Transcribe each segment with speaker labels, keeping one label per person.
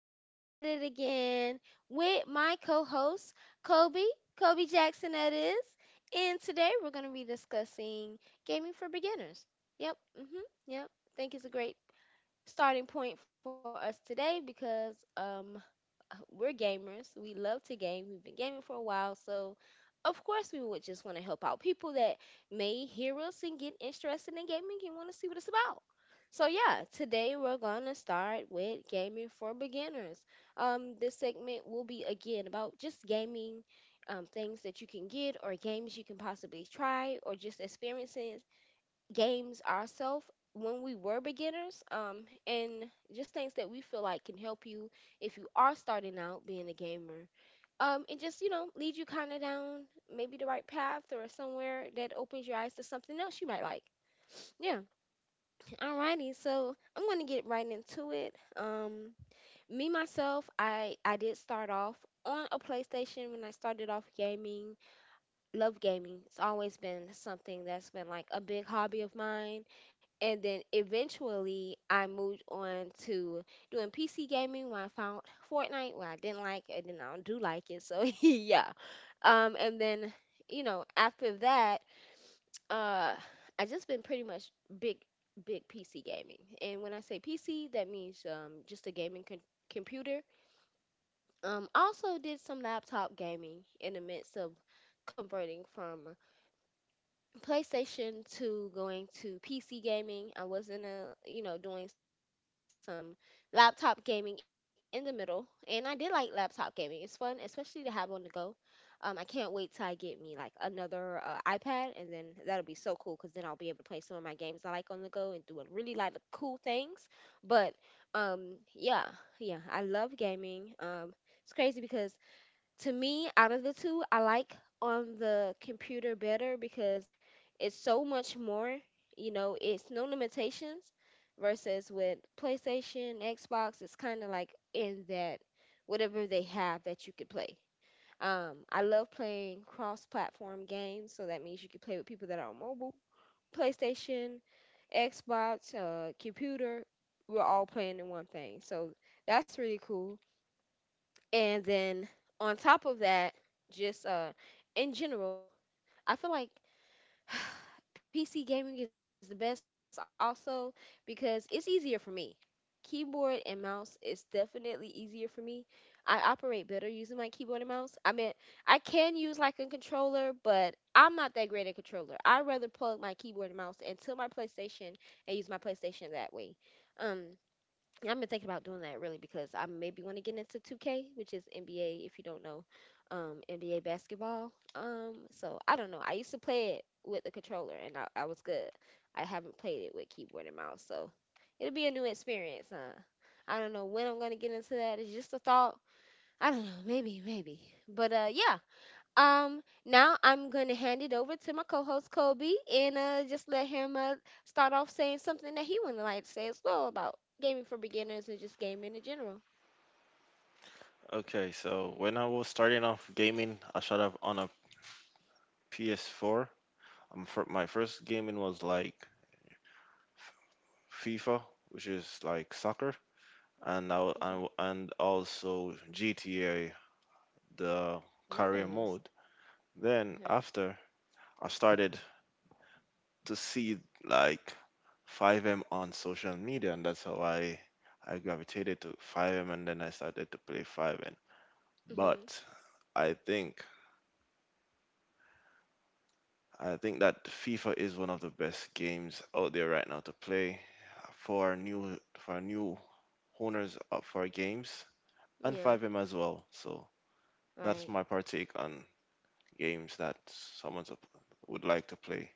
Speaker 1: We're back at it again with my co host, Kobe, Kobe Jackson, that is. And today we're going to be discussing gaming for beginners. Yep, mm hmm, yep. I think it's a great starting point for us today because we're gamers. We love to game. We've been gaming for a while, so of course we would just want to help out people that may hear us and get interested in gaming and want to see what it's about. So yeah, today we're gonna start with gaming for beginners. This segment will be again about just gaming, things that you can get or games you can possibly try or just experiences games ourselves when we were beginners and just things that we feel like can help you if you are starting out being a gamer and just lead you kind of down maybe the right path or somewhere that opens your eyes to something else you might like. Yeah. Alrighty, so I'm gonna get right into it. Me myself, I did start off on a playstation when I started off gaming. Love gaming. It's always been something that's been like a big hobby of mine. And then eventually I moved on to doing PC gaming when I found Fortnite, where I didn't like it, and I do like it. So yeah. Um, and then, after that, uh, I just been pretty much big, big PC gaming. And when I say PC, that means just a computer. I also did some laptop gaming in the midst of converting from PlayStation to going to PC gaming. I was in a, doing some laptop gaming in the middle. And I did like laptop gaming. It's fun, especially to have on the go. I can't wait till I get me like another iPad, and then that'll be so cool because then I'll be able to play some of my games I like on the go and do a really like cool things. But um, yeah, yeah, I love gaming. It's crazy because to me, out of the two, I like on the computer better because it's so much more. You know, it's no limitations versus with PlayStation, Xbox, it's kind of like in that whatever they have that you could play. I love playing cross platform games, so that means you can play with people that are on mobile. PlayStation, Xbox, computer, we're all playing in one thing. So that's really cool. And then on top of that, just in general, I feel like PC gaming is the best also because it's easier for me. Keyboard and mouse is definitely easier for me. I operate better using my keyboard and mouse. I mean, I can use like a controller, but I'm not that great at controller. I rather plug my keyboard and mouse into my PlayStation and use my PlayStation that way. Um, I've been thinking about doing that really because I maybe want to get into 2K, which is NBA, if you don't know, NBA basketball. So I don't know. I used to play it with the controller and I was good. I haven't played it with keyboard and mouse, so it'll be a new experience, huh? I don't know when I'm gonna get into that. It's just a thought. I don't know. Maybe, maybe. But yeah. Now I'm gonna hand it over to my co-host Kobe and just let him start off saying something that he would like to say as well about gaming for beginners and just gaming in general.
Speaker 2: Okay, so when I was starting off gaming, I started off on a PS4. For my first gaming was like FIFA, which is like soccer, and
Speaker 1: Okay.
Speaker 2: I w- and also GTA, the career
Speaker 1: Nice.
Speaker 2: mode. Then
Speaker 1: Okay.
Speaker 2: after, I started to see like 5M on social media, and that's how I gravitated to 5M, and then I started to play 5M.
Speaker 1: Mhm.
Speaker 2: But I think I think that FIFA is one of the best games out there right now to play for our new owners up for games and
Speaker 1: Yeah.
Speaker 2: 5M as well. So that's
Speaker 1: Right.
Speaker 2: my partake on games that someone would like to play.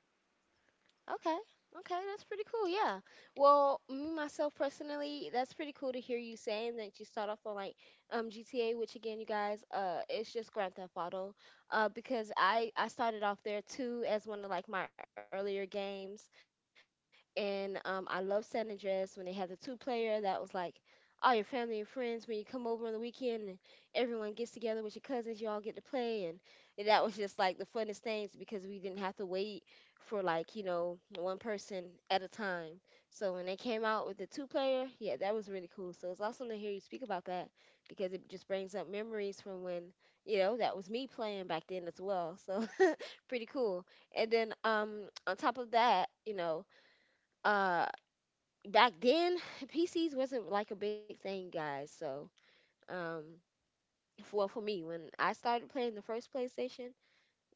Speaker 1: Okay. Okay, that's pretty cool. Yeah. Well, me myself personally, that's pretty cool to hear you saying that you start off on like GTA, which again, you guys, it's just Grand Theft Auto, because I started off there too as one of like my earlier games, and I love San Andreas when they had the two player. That was like all your family and friends. When you come over on the weekend and everyone gets together with your cousins, you all get to play, and that was just like the funnest things because we didn't have to wait for like one person at a time. So when they came out with the two player, yeah, that was really cool. So it's awesome to hear you speak about that because it just brings up memories from when, that was me playing back then as well. So pretty cool. And then on top of that, uh back then PCs wasn't like a big thing, guys. So um well, for me, when I started playing the first PlayStation,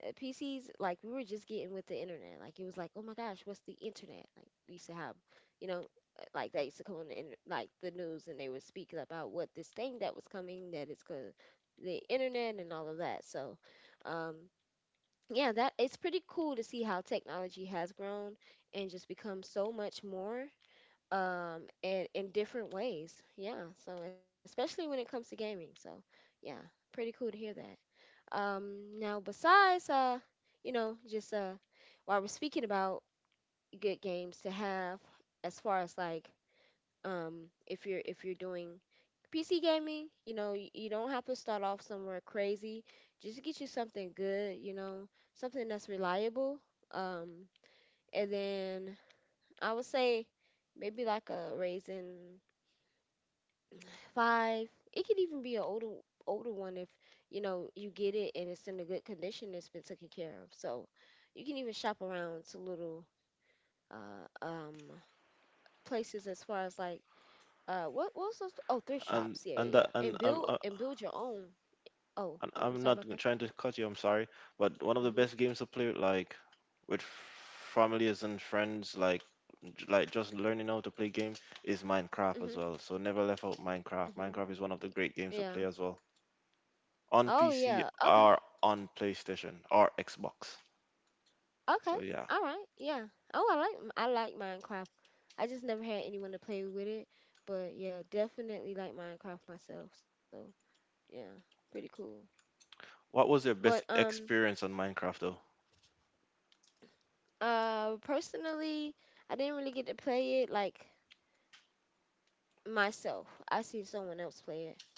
Speaker 1: PCs, like, we were just getting with the internet. Like it was like, oh my gosh, what's the internet? Like we used to have, you know, like that used to come on the like the news, and they would speak about what this thing that was coming that is called the internet and all of that. So, um, yeah, that it's pretty cool to see how technology has grown and just become so much more and in different ways. Yeah. So especially when it comes to gaming. So yeah, pretty cool to hear that. Now, besides, you know, just while we're speaking about good games to have, as far as like, if you're doing PC gaming, you know, you don't have to start off somewhere crazy. Just get you something good, you know, something that's reliable. Um, and then I would say maybe like a Raisin five. It could even be an older one if you know you get it and it's in a good condition. It's been taken care of, so you can even shop around to little uh, um, places as far as like what's those? Oh, thrift
Speaker 2: And
Speaker 1: shops.
Speaker 2: and
Speaker 1: Yeah,
Speaker 2: that
Speaker 1: yeah,
Speaker 2: and
Speaker 1: yeah. And
Speaker 2: I'm uh,
Speaker 1: build your own.
Speaker 2: and
Speaker 1: Oh,
Speaker 2: I'm
Speaker 1: I'm
Speaker 2: not
Speaker 1: sorry about
Speaker 2: trying
Speaker 1: that.
Speaker 2: to cut you. I'm sorry, but one of the best
Speaker 1: Mhm.
Speaker 2: games to play with, like with families and friends like just learning how to play games is Minecraft
Speaker 1: Mhm.
Speaker 2: as well. So never left out Minecraft.
Speaker 1: Mhm.
Speaker 2: Minecraft is one of the great games to
Speaker 1: Yeah.
Speaker 2: play as well on
Speaker 1: Oh yeah.
Speaker 2: PC
Speaker 1: Okay.
Speaker 2: or on PlayStation or Xbox.
Speaker 1: Okay.
Speaker 2: So yeah.
Speaker 1: All right. Yeah. Oh, I like Minecraft. I just never had anyone to play with it, but yeah, definitely like Minecraft myself. So, yeah, pretty cool.
Speaker 2: What was your
Speaker 1: But
Speaker 2: best experience on Minecraft though?
Speaker 1: personally, I didn't really get to play it like myself. I see someone else play it.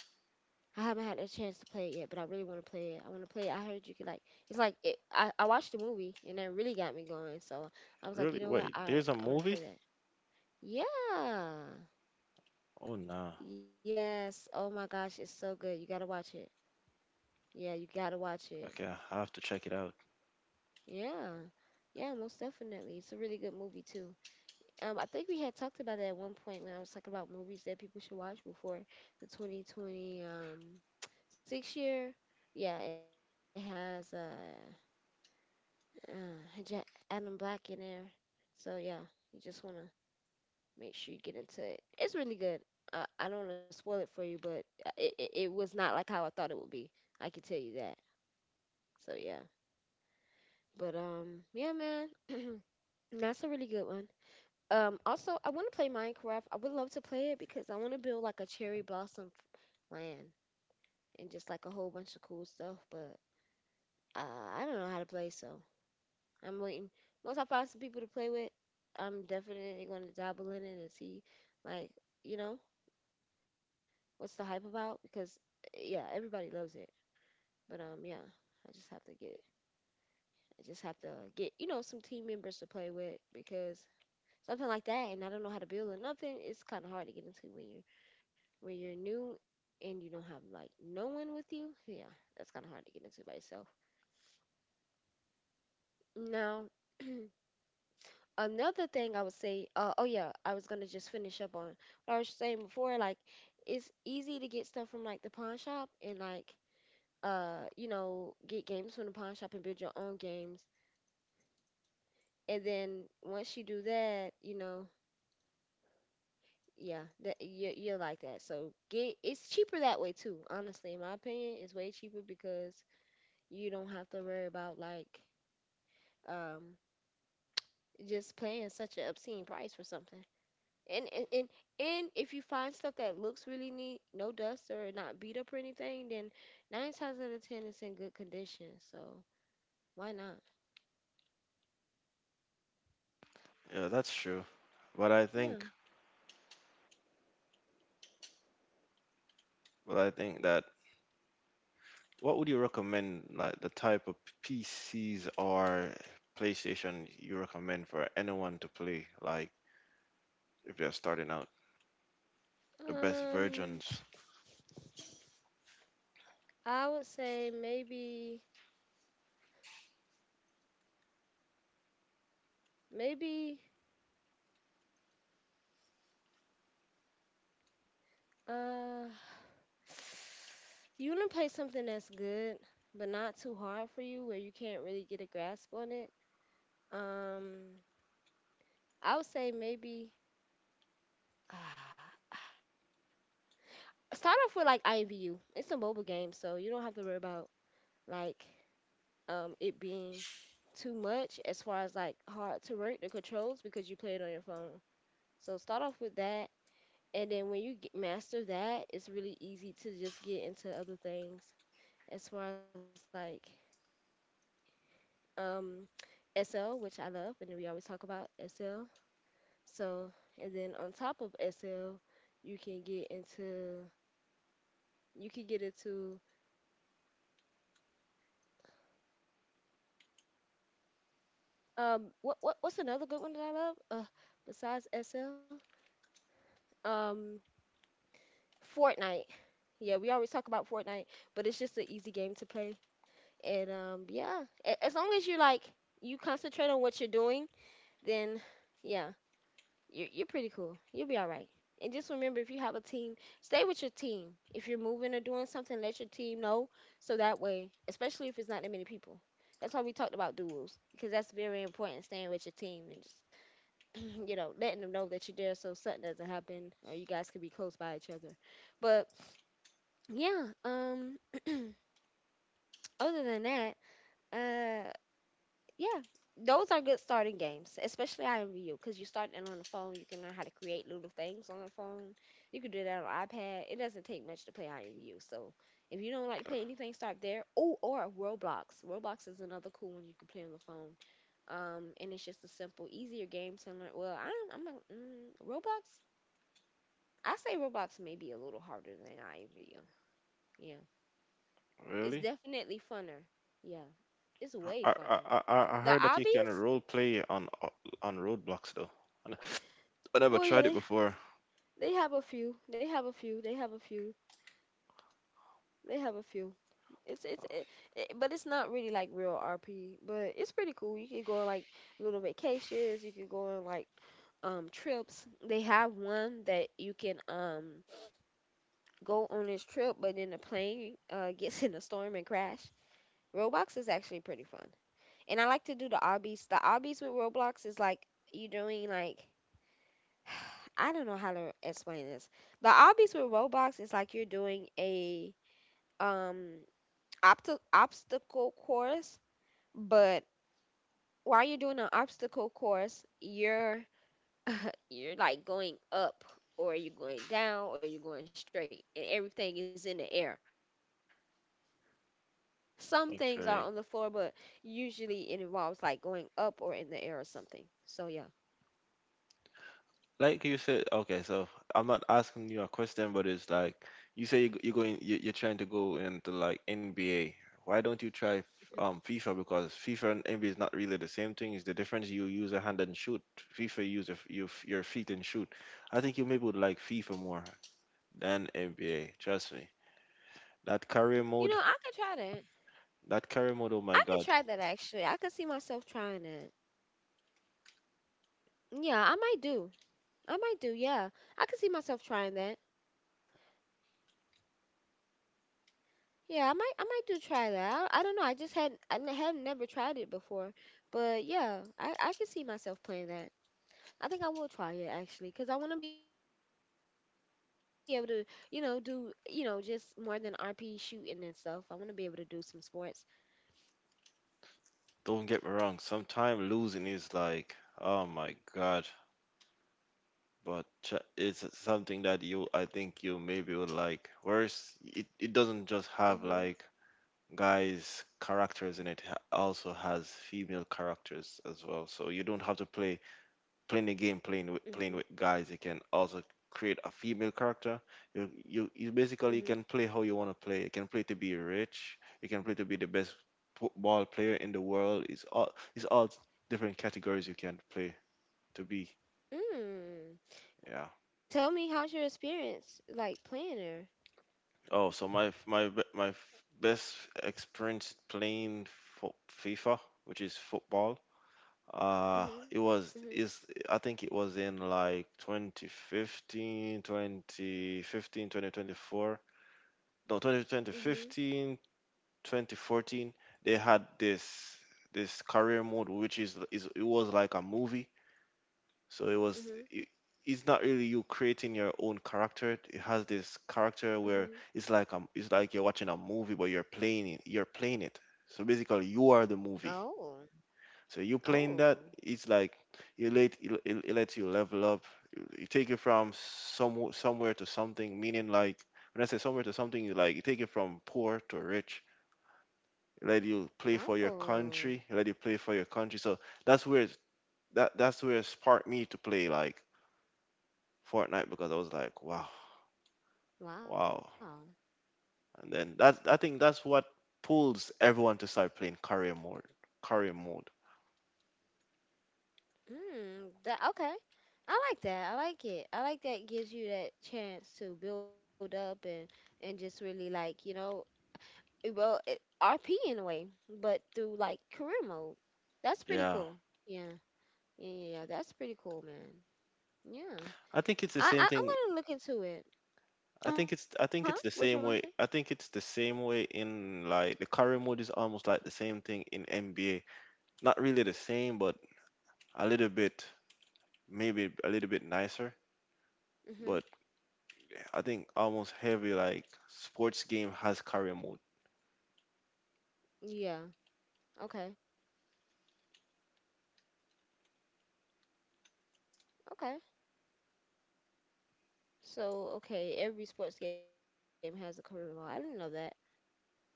Speaker 1: I haven't had a chance to play it yet, but I really want to play it. I want to play it. I heard you could like, it's like it, I watched the movie and that really got me going. So, I was
Speaker 2: Really?
Speaker 1: like, "You know
Speaker 2: Wait,
Speaker 1: what?
Speaker 2: there's a
Speaker 1: I want
Speaker 2: movie?
Speaker 1: to play that." Yeah.
Speaker 2: Oh no.
Speaker 1: Yes. Oh my gosh, it's so good. You gotta watch it. Yeah, you gotta watch it.
Speaker 2: Okay, I have to check it out.
Speaker 1: Yeah. Yeah, most definitely. It's a really good movie too. I think we had talked about that at one point when I was talking about movies that people should watch before the 2020 six year. Yeah, it has uh Ja- Adam Black in there. So yeah, you just wanna make sure you get into it. It's really good. I don't wanna spoil it for you, but it was not like how I thought it would be. I can tell you that. So yeah. But yeah, man, that's a really good one. Also, I want to play Minecraft. I would love to play it because I want to build like a cherry land and just like a whole bunch of cool stuff. But I don't know how to play, so I'm waiting. Once I find some people to play with, I'm definitely going to dabble in it and see, like, you know, what's the hype about? Because yeah, everybody loves it. But I just have to get, I just have to get, you know, some team members to play with because something like that and I don't know how to build or nothing, it's kind of hard to get into when you're new and you don't have like no one with you. Yeah, that's kind of hard to get into by yourself. Now, another thing I would say, oh yeah, I was gonna just finish up on what I was saying before. Like, it's easy to get stuff from like the pawn shop and like you know get games from the pawn shop and build your own games. And then once you do that, you know, yeah, that you like that. So get it's cheaper that way too. Honestly, in my opinion, it's way cheaper because you don't have to worry about um just paying such an obscene price for something. And and and, and if you find stuff that looks really neat, no dust or not beat up or anything, then nine times out of ten it's in good condition. So why not?
Speaker 2: Yeah, that's true. But I think
Speaker 1: Yeah.
Speaker 2: but I think that what would you recommend, like the type of PCs or PlayStation you recommend for anyone to play, like if they're starting out, the best
Speaker 1: Um,
Speaker 2: versions?
Speaker 1: I would say maybe. Uh, you want to play something that's good, but not too hard for you, where you can't really get a grasp on it. Um, I would say maybe uh, start off with like IMVU. It's a mobile game, so you don't have to worry about like it being too much as far as like hard to work the controls because you play it on your phone. So start off with that, and then when you master that, it's really easy to just get into other things as far as um, SL, which I love, and we always talk about SL. So, and then on top of SL, you can get into you can get into what what's another good one that I love? Besides SL, um, Fortnite. Yeah, we always talk about Fortnite, but it's just an easy game to play. And yeah, as long as you like you concentrate on what you're doing, then yeah, you're pretty cool. You'll be all right. And just remember, if you have a team, stay with your team. If you're moving or doing something, let your team know. So that way, especially if it's not that many people. That's why we talked about duels, because that's very important, staying with your team and you know, letting them know that you're there so something doesn't happen or you guys can be close by each other. But yeah, other than that, uh. yeah, those are good starting games, especially IMVU, because you start it on the phone. You can learn how to create little things on the phone. You can do that on iPad. It doesn't take much to play IMVU. So if you don't like to
Speaker 2: Uh,
Speaker 1: play anything, start there. Oh, or Roblox. Roblox is another cool one you can play on the phone. And it's just a simple, easier game to learn. Roblox. I say Roblox may be a little harder than IMVU. Yeah, it's
Speaker 2: Really?
Speaker 1: definitely funner. Yeah, it's
Speaker 2: I,
Speaker 1: way
Speaker 2: I,
Speaker 1: funner.
Speaker 2: I
Speaker 1: The
Speaker 2: heard that you can
Speaker 1: obbies.
Speaker 2: role play on roadblocks though. I I never
Speaker 1: Well, yeah,
Speaker 2: tried it before.
Speaker 1: they have a few. They have a few. They have a few. They have a few. It's but it's not really like real RP, but it's pretty cool. You can go on like little vacations. You can go on like trips. They have one that you can go on this trip, but then the plane gets in a storm and crash. Roblox is actually pretty fun, and I like to do the obbies. The obbies with Roblox is like you doing like I don't know how to explain this. The obbies with Roblox is like you're doing a um obstacle course, but while you're doing an obstacle course, you're like going up or you're going down or you're going straight and everything is in the air. Some things are on the floor, but
Speaker 2: Okay.
Speaker 1: usually it involves like going up or in the air or something. So yeah.
Speaker 2: Like you said, okay, so I'm not asking you a question, but it's like you say you're going, you're trying to go into like NBA. Why don't you try
Speaker 1: Mhm.
Speaker 2: FIFA? Because FIFA and NBA is not really the same thing. It's the difference you use a hand and shoot. FIFA use a f you, f- your feet and shoot. I think you maybe would like FIFA more than NBA. Trust me. That career
Speaker 1: You know,
Speaker 2: mode,
Speaker 1: I could try that.
Speaker 2: that career mode. Oh my
Speaker 1: I could
Speaker 2: God.
Speaker 1: try that actually. I could see myself trying that. Yeah, I might do. I might do. Yeah. I could see myself trying that. Yeah, I might do try that. I don't know. I just had never tried it before, but yeah, I can see myself playing that. I think I will try it actually because I want to be able to you know just more than RP shooting and stuff. I want to be able to do some sports.
Speaker 2: Don't get me wrong, sometimes losing is like, oh my God, but it's something that you, I think you maybe would like. Whereas it, it
Speaker 1: Mhm.
Speaker 2: doesn't just have like guys' characters in it, it also has female characters as well. So you don't have to playing the game,
Speaker 1: Mhm.
Speaker 2: playing with guys. You can also create a female character. You
Speaker 1: Mhm.
Speaker 2: basically can play how you want to play. You can play to be rich. You can play to be the best football player in the world. It's all, it's all different categories you can play to be.
Speaker 1: Mm.
Speaker 2: Yeah.
Speaker 1: Tell me how's your experience like playing her?
Speaker 2: Oh, so my f- my be- my f- best experience playing for FIFA, which is football.
Speaker 1: Mhm.
Speaker 2: It
Speaker 1: Mhm.
Speaker 2: was is I think it was in like 2015, 2015, 2024. No, 20,
Speaker 1: Mhm.
Speaker 2: 2015, 2014, they had this career mode which is it was like a movie. So
Speaker 1: Mhm.
Speaker 2: it's not really you creating your own character. It has this
Speaker 1: Mhm.
Speaker 2: character where it's like you're watching a movie but you're playing it. So basically you are the
Speaker 1: Oh.
Speaker 2: movie. So you
Speaker 1: Oh.
Speaker 2: playing that, it's like it lets you level up. You take it from somewhere to something, meaning like when I say somewhere to something, you like you take it from poor to rich. Let you play for your
Speaker 1: Oh.
Speaker 2: country, let you play for your country. So that's where that's where it sparked me to play like Fortnite because I was like, wow,
Speaker 1: Wow.
Speaker 2: wow. And then that, I think that's what pulls everyone to start playing career mode. Career mode.
Speaker 1: Mm, that okay. I like that. I like it. I like that it gives you that chance to build up and just really like, you know, well, RP in a way, but through like career mode. That's pretty
Speaker 2: Yeah.
Speaker 1: cool. Yeah. Yeah, yeah, yeah. That's pretty cool, man. Yeah.
Speaker 2: I think it's the same thing.
Speaker 1: I'm gonna look into it.
Speaker 2: I think
Speaker 1: Uh-huh.
Speaker 2: it's I
Speaker 1: What you
Speaker 2: think
Speaker 1: gonna
Speaker 2: it's the
Speaker 1: say?
Speaker 2: same way. I think it's the same way in like the career mode is almost like the same thing in NBA. Not really the same, but a little bit, maybe a little bit nicer. But
Speaker 1: Mm-hmm.
Speaker 2: I think almost every like sports game has career mode,
Speaker 1: Yeah. Okay. Okay. So, okay, every sports game has a career mode. I didn't know that.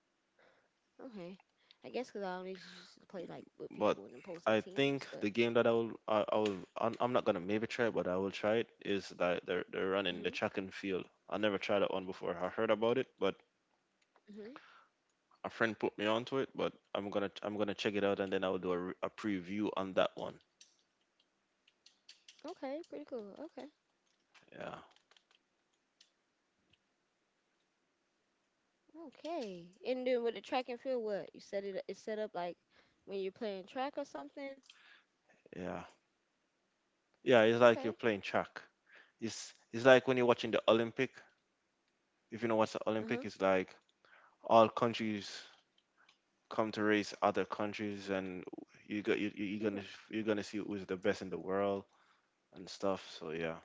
Speaker 1: Okay. I guess because I only used to play like with people in opposing
Speaker 2: but
Speaker 1: teams, but
Speaker 2: I think the game that I will I'm not gonna maybe try, it, but I will try it, is that they're
Speaker 1: mhm,
Speaker 2: running the track and field. I never tried that one before. I heard about it, but
Speaker 1: mhm.
Speaker 2: a friend put me onto it. But I'm gonna check it out, and then I will do a preview on that one.
Speaker 1: Okay, pretty cool. Okay,
Speaker 2: Yeah,
Speaker 1: okay. And then with the track and field, what you set it? It's set up like when you're playing track or something.
Speaker 2: yeah, yeah. It's
Speaker 1: Okay.
Speaker 2: like you're playing track. It's like when you're watching the Olympic. If you know what's
Speaker 1: Uh
Speaker 2: the
Speaker 1: huh.
Speaker 2: Olympic, it's like all countries come to race other countries, and you got you
Speaker 1: He
Speaker 2: you- are
Speaker 1: ru-
Speaker 2: gonna you're gonna see who's the best in the world and stuff. So yeah,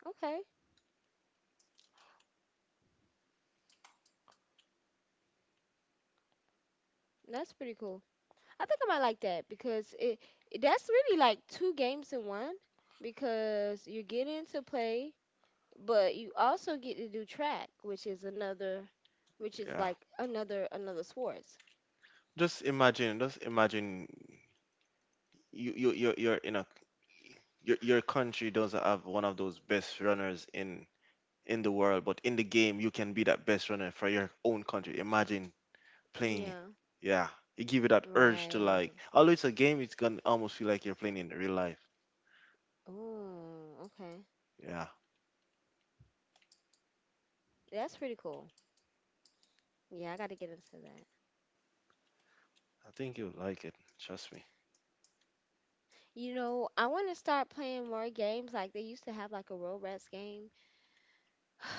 Speaker 1: okay. That's pretty cool. I think I might like that because that's really like two games in one because you're getting to play, but you also get to do track, which is another, which
Speaker 2: yeah.
Speaker 1: is like another sport.
Speaker 2: Just imagine you're in, a your country doesn't have one of those best runners in the world, but in the game you can be that best runner for your own country. Imagine playing it.
Speaker 1: Yeah,
Speaker 2: Yeah, it give you that urge to like.
Speaker 1: right.
Speaker 2: Although it's a game, it's gonna almost feel like you're playing in real life.
Speaker 1: Oh, okay.
Speaker 2: Yeah,
Speaker 1: That's pretty cool. Yeah, I got to get into that.
Speaker 2: I think you'll like it. Trust me.
Speaker 1: You know, I want to start playing more games. Like they used to have like a Roblox game.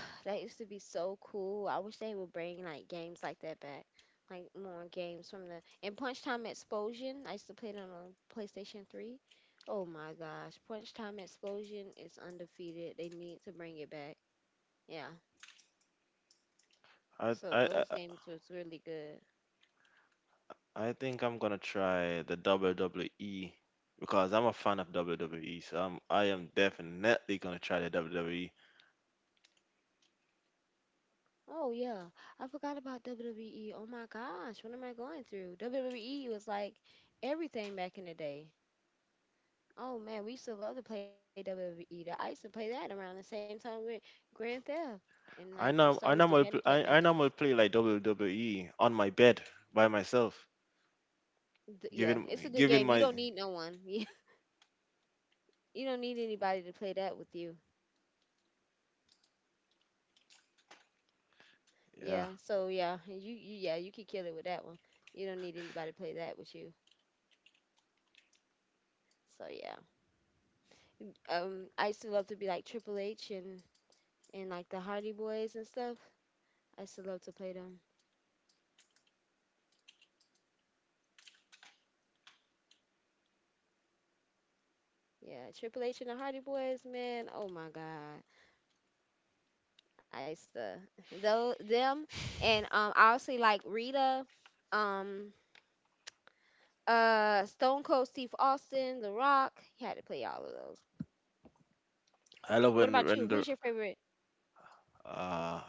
Speaker 1: That used to be so cool. I wish they would bring like games like that back. Like more games from the and Punch Time Explosion. I used to play that on PlayStation 3. Oh my gosh, Punch Time Explosion is undefeated. They need to bring it back. Yeah.
Speaker 2: I I
Speaker 1: So
Speaker 2: I
Speaker 1: those games was really good.
Speaker 2: I think I'm gonna try the WWE because I'm a fan of WWE. So I am definitely gonna try the WWE.
Speaker 1: Oh yeah, I forgot about WWE. Oh my gosh, what am I going through? WWE was like everything back in the day. Oh man, we used to love to play WWE. I used to play that around the same time with Grand Theft, and like we
Speaker 2: I
Speaker 1: used to
Speaker 2: know
Speaker 1: always
Speaker 2: I
Speaker 1: do
Speaker 2: normally pl-
Speaker 1: handicap
Speaker 2: I, I
Speaker 1: matches.
Speaker 2: normally play like WWE on my bed by myself, giving
Speaker 1: Yeah, it's a good
Speaker 2: giving
Speaker 1: game.
Speaker 2: my,
Speaker 1: You don't need no one. Yeah, you don't need anybody to play that with you.
Speaker 2: yeah.
Speaker 1: Yeah, so yeah, you yeah you can kill it with that one. You don't need anybody to play that with you. So yeah, I used to love to be like Triple H and like the Hardy Boys and stuff. I used to love to play them. Yeah, Triple H and the Hardy Boys, man. Oh my God, I used to though them and I also like Rita, um Stone Cold Steve Austin, The Rock. You had to play all of those.
Speaker 2: I love
Speaker 1: What
Speaker 2: when
Speaker 1: about
Speaker 2: when
Speaker 1: you?
Speaker 2: the
Speaker 1: Who's your favorite?
Speaker 2: uh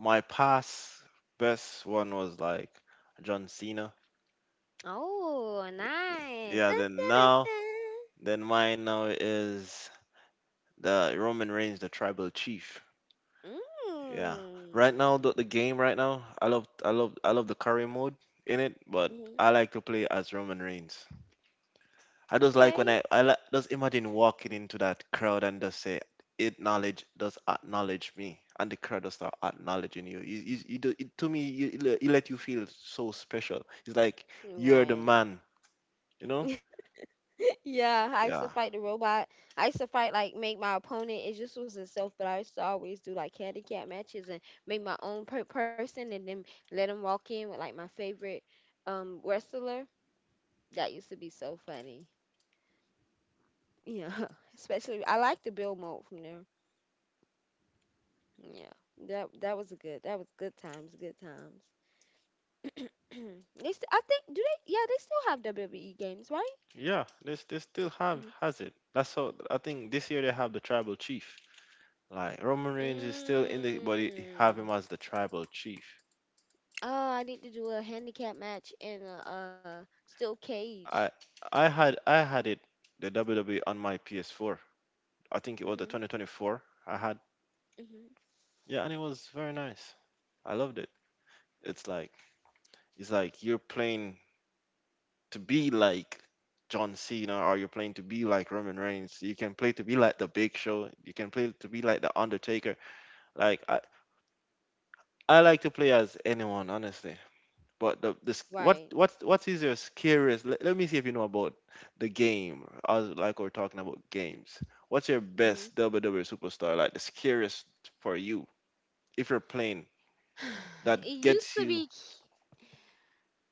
Speaker 2: my past best one was like John Cena.
Speaker 1: Oh, nice.
Speaker 2: Yeah,
Speaker 1: Dun,
Speaker 2: then
Speaker 1: dun,
Speaker 2: now,
Speaker 1: dun,
Speaker 2: then mine now is the Roman Reigns, the Tribal Chief.
Speaker 1: dun.
Speaker 2: Yeah. Right
Speaker 1: Mm.
Speaker 2: now, the game right now, I love, the career mode in it, but
Speaker 1: hmm
Speaker 2: I like to play as Roman Reigns. I just like
Speaker 1: Okay.
Speaker 2: when I just imagine walking into that crowd and just say, acknowledge, just acknowledge me, and the crowd just start acknowledging you. To me, it let you feel so special. It's like you're the
Speaker 1: Right.
Speaker 2: man, you know?
Speaker 1: Yeah, I used to
Speaker 2: Yeah.
Speaker 1: fight the robot. I used to fight like make my opponent. It just was itself, but I used to always do like handicap matches and make my own person and then let them walk in with like my favorite wrestler. That used to be so funny. Yeah, especially I like the Bill mode from there. Yeah, that was a good. That was good times. Good times. they st- I think do they? Yeah, they still have WWE games, right?
Speaker 2: Yeah, they still have,
Speaker 1: Mm-hmm.
Speaker 2: has it. That's how, I think, this year they have the tribal chief. Like Roman Reigns is still in the but he have him
Speaker 1: Mm.
Speaker 2: as the tribal chief.
Speaker 1: Oh, I need to do a handicap match in steel cage.
Speaker 2: I I had it, the WWE on my PS4. I think it was the
Speaker 1: Mhm.
Speaker 2: 2024. I had,
Speaker 1: Mhm.
Speaker 2: yeah, and it was very nice. I loved it. It's like it's like you're playing to be like John Cena or you're playing to be like Roman Reigns. You can play to be like the Big Show. You can play to be like the Undertaker. Like I like to play as anyone honestly. But the this
Speaker 1: Right.
Speaker 2: what is your scariest? Let me see if you know about the game. As like, we're talking about games. What's your
Speaker 1: Mhm.
Speaker 2: best WWE superstar? Like the scariest for you if you're playing
Speaker 1: It
Speaker 2: that
Speaker 1: used
Speaker 2: gets
Speaker 1: to
Speaker 2: you.
Speaker 1: be.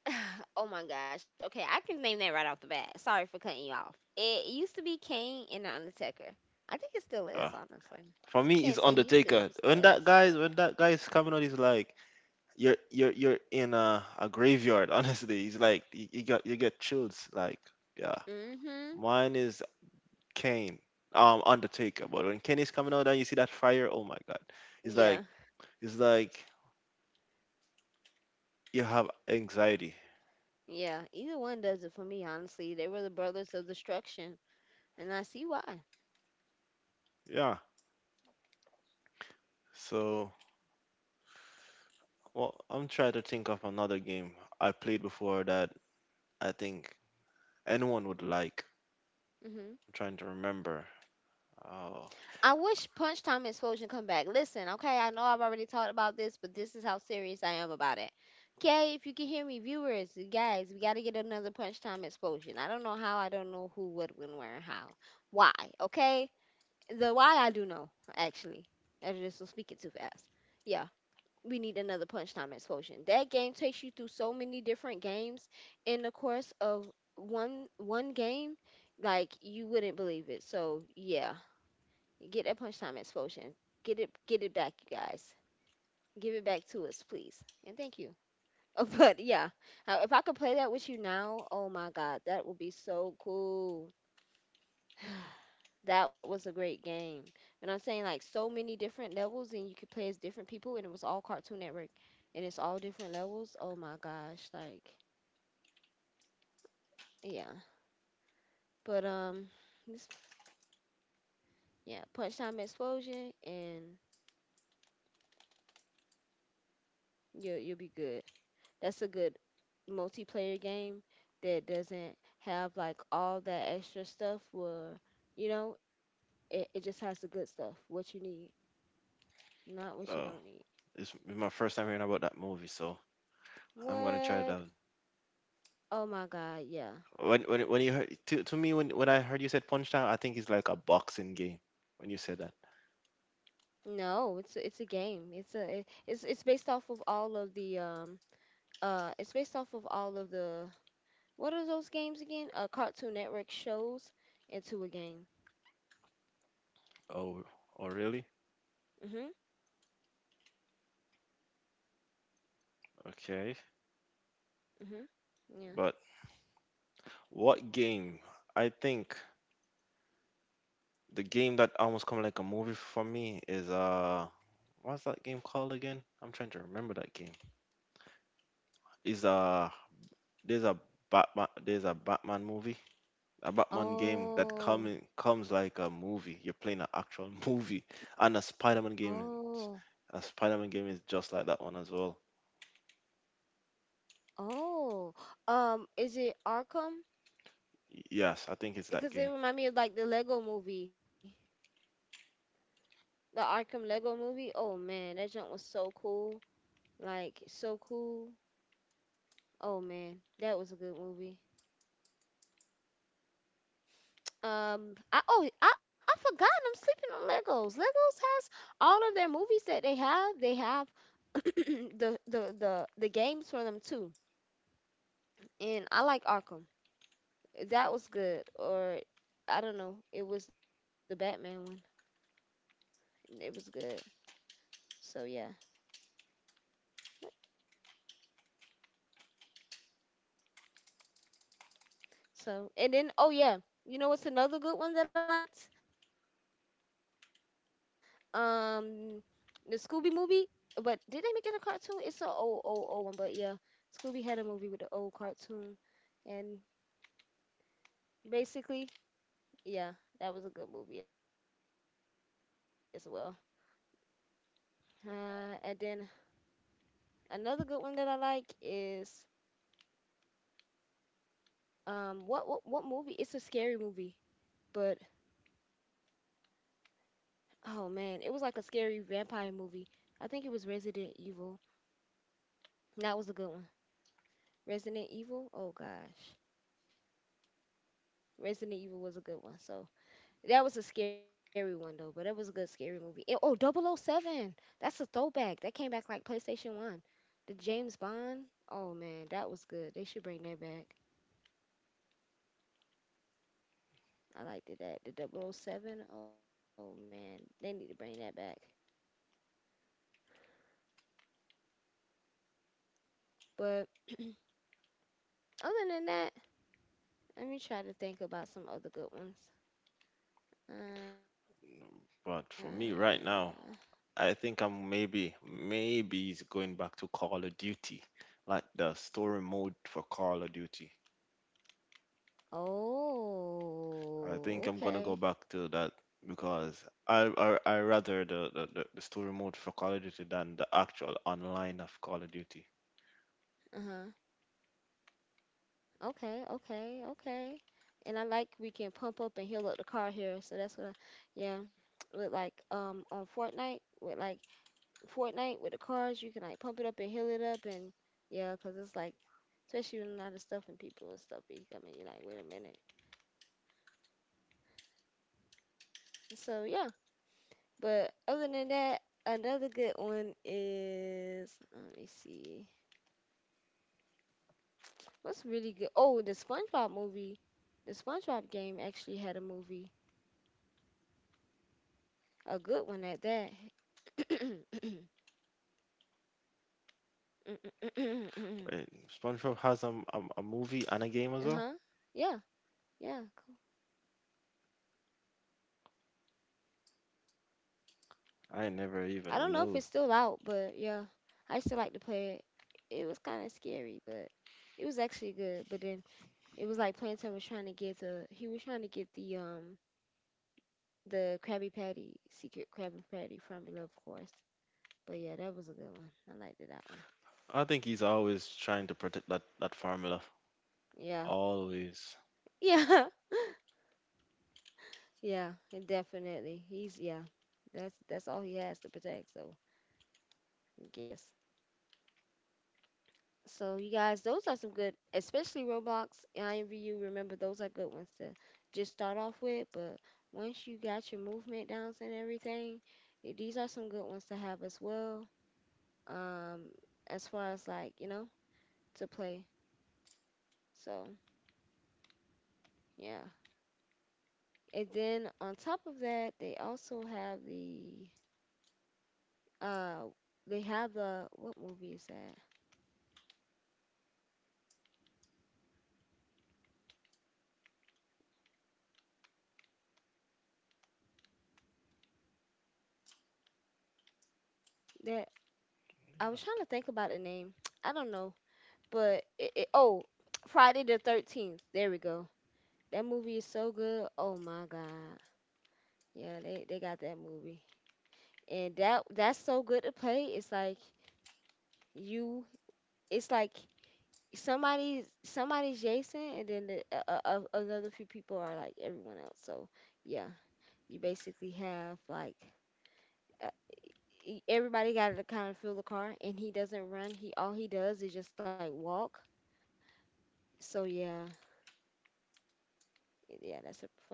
Speaker 1: Oh my gosh. Okay, I can name that right off the bat. Sorry for cutting you off. It used to be Kane and the Undertaker. I think it still is,
Speaker 2: Uh,
Speaker 1: honestly.
Speaker 2: for me,
Speaker 1: Can't
Speaker 2: it's
Speaker 1: say used to,
Speaker 2: Undertaker.
Speaker 1: but it still
Speaker 2: When that
Speaker 1: is.
Speaker 2: guy when that guy is coming out, he's like you're in a graveyard. Honestly, he's like you get chills. Like, yeah,
Speaker 1: Mhm.
Speaker 2: mine is Kane. Undertaker. But when Kane is coming out and you see that fire, oh my God, it's like
Speaker 1: Yeah.
Speaker 2: It's like you have anxiety.
Speaker 1: Yeah. Either one does it for me, honestly. They were the brothers of destruction, and I see why.
Speaker 2: Yeah. So, well, I'm trying to think of another game I played before that I think anyone would like.
Speaker 1: Mhm.
Speaker 2: I'm trying to remember. Oh,
Speaker 1: I wish Punch Time and Explosion come back. Listen, okay, I know I've already talked about this, but this is how serious I am about it. Okay, if you can hear me, viewers, you guys, we gotta get another Punch Time Explosion. I don't know how, I don't know who, what, when, where, and how. Why, okay? The why I do know, actually. I just was speaking too fast. Yeah, we need another Punch Time Explosion. That game takes you through so many different games in the course of one game, like you wouldn't believe it. So yeah, get that punchtime explosion. Get it back, you guys. Give it back to us, please. And thank you. Oh, but yeah. If I could play that with you now, oh my god, that would be so cool. That was a great game. And I'm saying like so many different levels and you could play as different people and it was all Cartoon Network and it's all different levels. Oh my gosh, like yeah. But this yeah, punch time explosion and you'll be good. That's a good multiplayer game that doesn't have like all that extra stuff where it just has the good stuff what you need, not what you don't need.
Speaker 2: oh, it's my first time hearing about that movie, so I'm gonna try
Speaker 1: What?
Speaker 2: it out.
Speaker 1: Oh my god, yeah.
Speaker 2: When you heard to me when I heard you said Punch Out, I think it's like a boxing game when you said that.
Speaker 1: no it's a- It's a game. It's based off of all of the It's based off of all of the what are those games again, Cartoon Network shows into a game.
Speaker 2: Oh, oh really?
Speaker 1: Mhm.
Speaker 2: Okay.
Speaker 1: Mhm. Yeah.
Speaker 2: But what game? I think the game that almost come like a movie for me is What's that game called again? I'm trying to remember that game. Is there's a Batman movie, a Batman game that
Speaker 1: Oh.
Speaker 2: coming comes like a movie. You're playing an actual movie, and a Spider-Man game.
Speaker 1: Oh.
Speaker 2: A Spider-Man game is just like that one as well.
Speaker 1: Oh, is it Arkham?
Speaker 2: Yes, I think it's that
Speaker 1: Because it
Speaker 2: game.
Speaker 1: remind me of like the Lego movie, the Arkham Lego movie. Oh man, that junk was so cool. Like so cool. Oh man, that was a good movie. I forgot I'm sleeping on Legos. Legos has all of their movies that they have. They have the games for them too. And I like Arkham. That was good. Or I don't know. It was the Batman one. It was good. So yeah. So, and then, oh yeah, you know what's another good one that I liked? Um, the Scooby movie. But did they make that a cartoon? It's an old, old, old one. But yeah, Scooby had a movie with an old cartoon, and basically, yeah, that was a good movie as well. And then another good one that I like is what movie? It's a scary movie, but oh man, it was like a scary vampire movie. I think it was Resident Evil. That was a good one. Resident Evil. Oh gosh. Resident Evil was a good one. So that was a scary one though, but that was a good scary movie. Oh, Double O Seven. That's a throwback. That came back like PlayStation 1. The James Bond. Oh man, that was good. They should bring that back. I liked it that. The Double O Seven. Oh man, they need to bring that back. But other than that, let me try to think about some other good ones. Uh,
Speaker 2: But for me right now, I think I'm maybe it's going back to Call of Duty, like the story mode for Call of Duty.
Speaker 1: oh,
Speaker 2: I
Speaker 1: okay.
Speaker 2: think I'm gonna go back to that because I rather the story mode for Call of Duty than the actual online of Call of Duty.
Speaker 1: Uh huh. Okay, okay, okay. And I like we can pump up and heal up the car here. So that's what I, yeah. With like on Fortnite with like Fortnite with the cars, you can like pump it up and heal it up, and yeah, 'cause it's like especially when a lot of stuff and people and stuff be coming, you're like, wait a minute. So yeah. But other than that, another good one is let me see. What's really good? Oh, the SpongeBob movie. The SpongeBob game actually had a movie, a good one at that. Uh-huh.
Speaker 2: Right? SpongeBob has a movie and a game as well.
Speaker 1: Yeah. Yeah. Cool.
Speaker 2: I never
Speaker 1: I don't
Speaker 2: even
Speaker 1: know if it's
Speaker 2: know.
Speaker 1: still out, but yeah, I still like to play it. It was kind of scary, but it was actually good. But then it was like Plantain was trying to get the He was trying to get the the Krabby Patty, secret Krabby Patty from it, of course. But yeah, that was a good one. I liked that one.
Speaker 2: I think he's always trying to protect that formula.
Speaker 1: Yeah.
Speaker 2: Always,
Speaker 1: Yeah. Yeah, and definitely. He's yeah. That's all he has to protect. So yes. So you guys, those are some good, especially Roblox and I Envy you Remember, those are good ones to just start off with. But once you got your movement downs and everything, eh, these are some good ones to have as well. Um, as far as like you know to play. So yeah, and then on top of that, they also have the uh, they have the what movie is that? That I was trying to think about the name. I don't know, but oh, Friday the 13th. There we go. That movie is so good. Oh my god. Yeah, they got that movie. And that's so good to play. It's like you it's like somebody's Jason and then the, another few people are like everyone else. So, yeah, you basically have like uh, everybody got to kind of fill the car and he doesn't run. He all he does is just like walk. So, yeah. Yeah, that's a funny movie.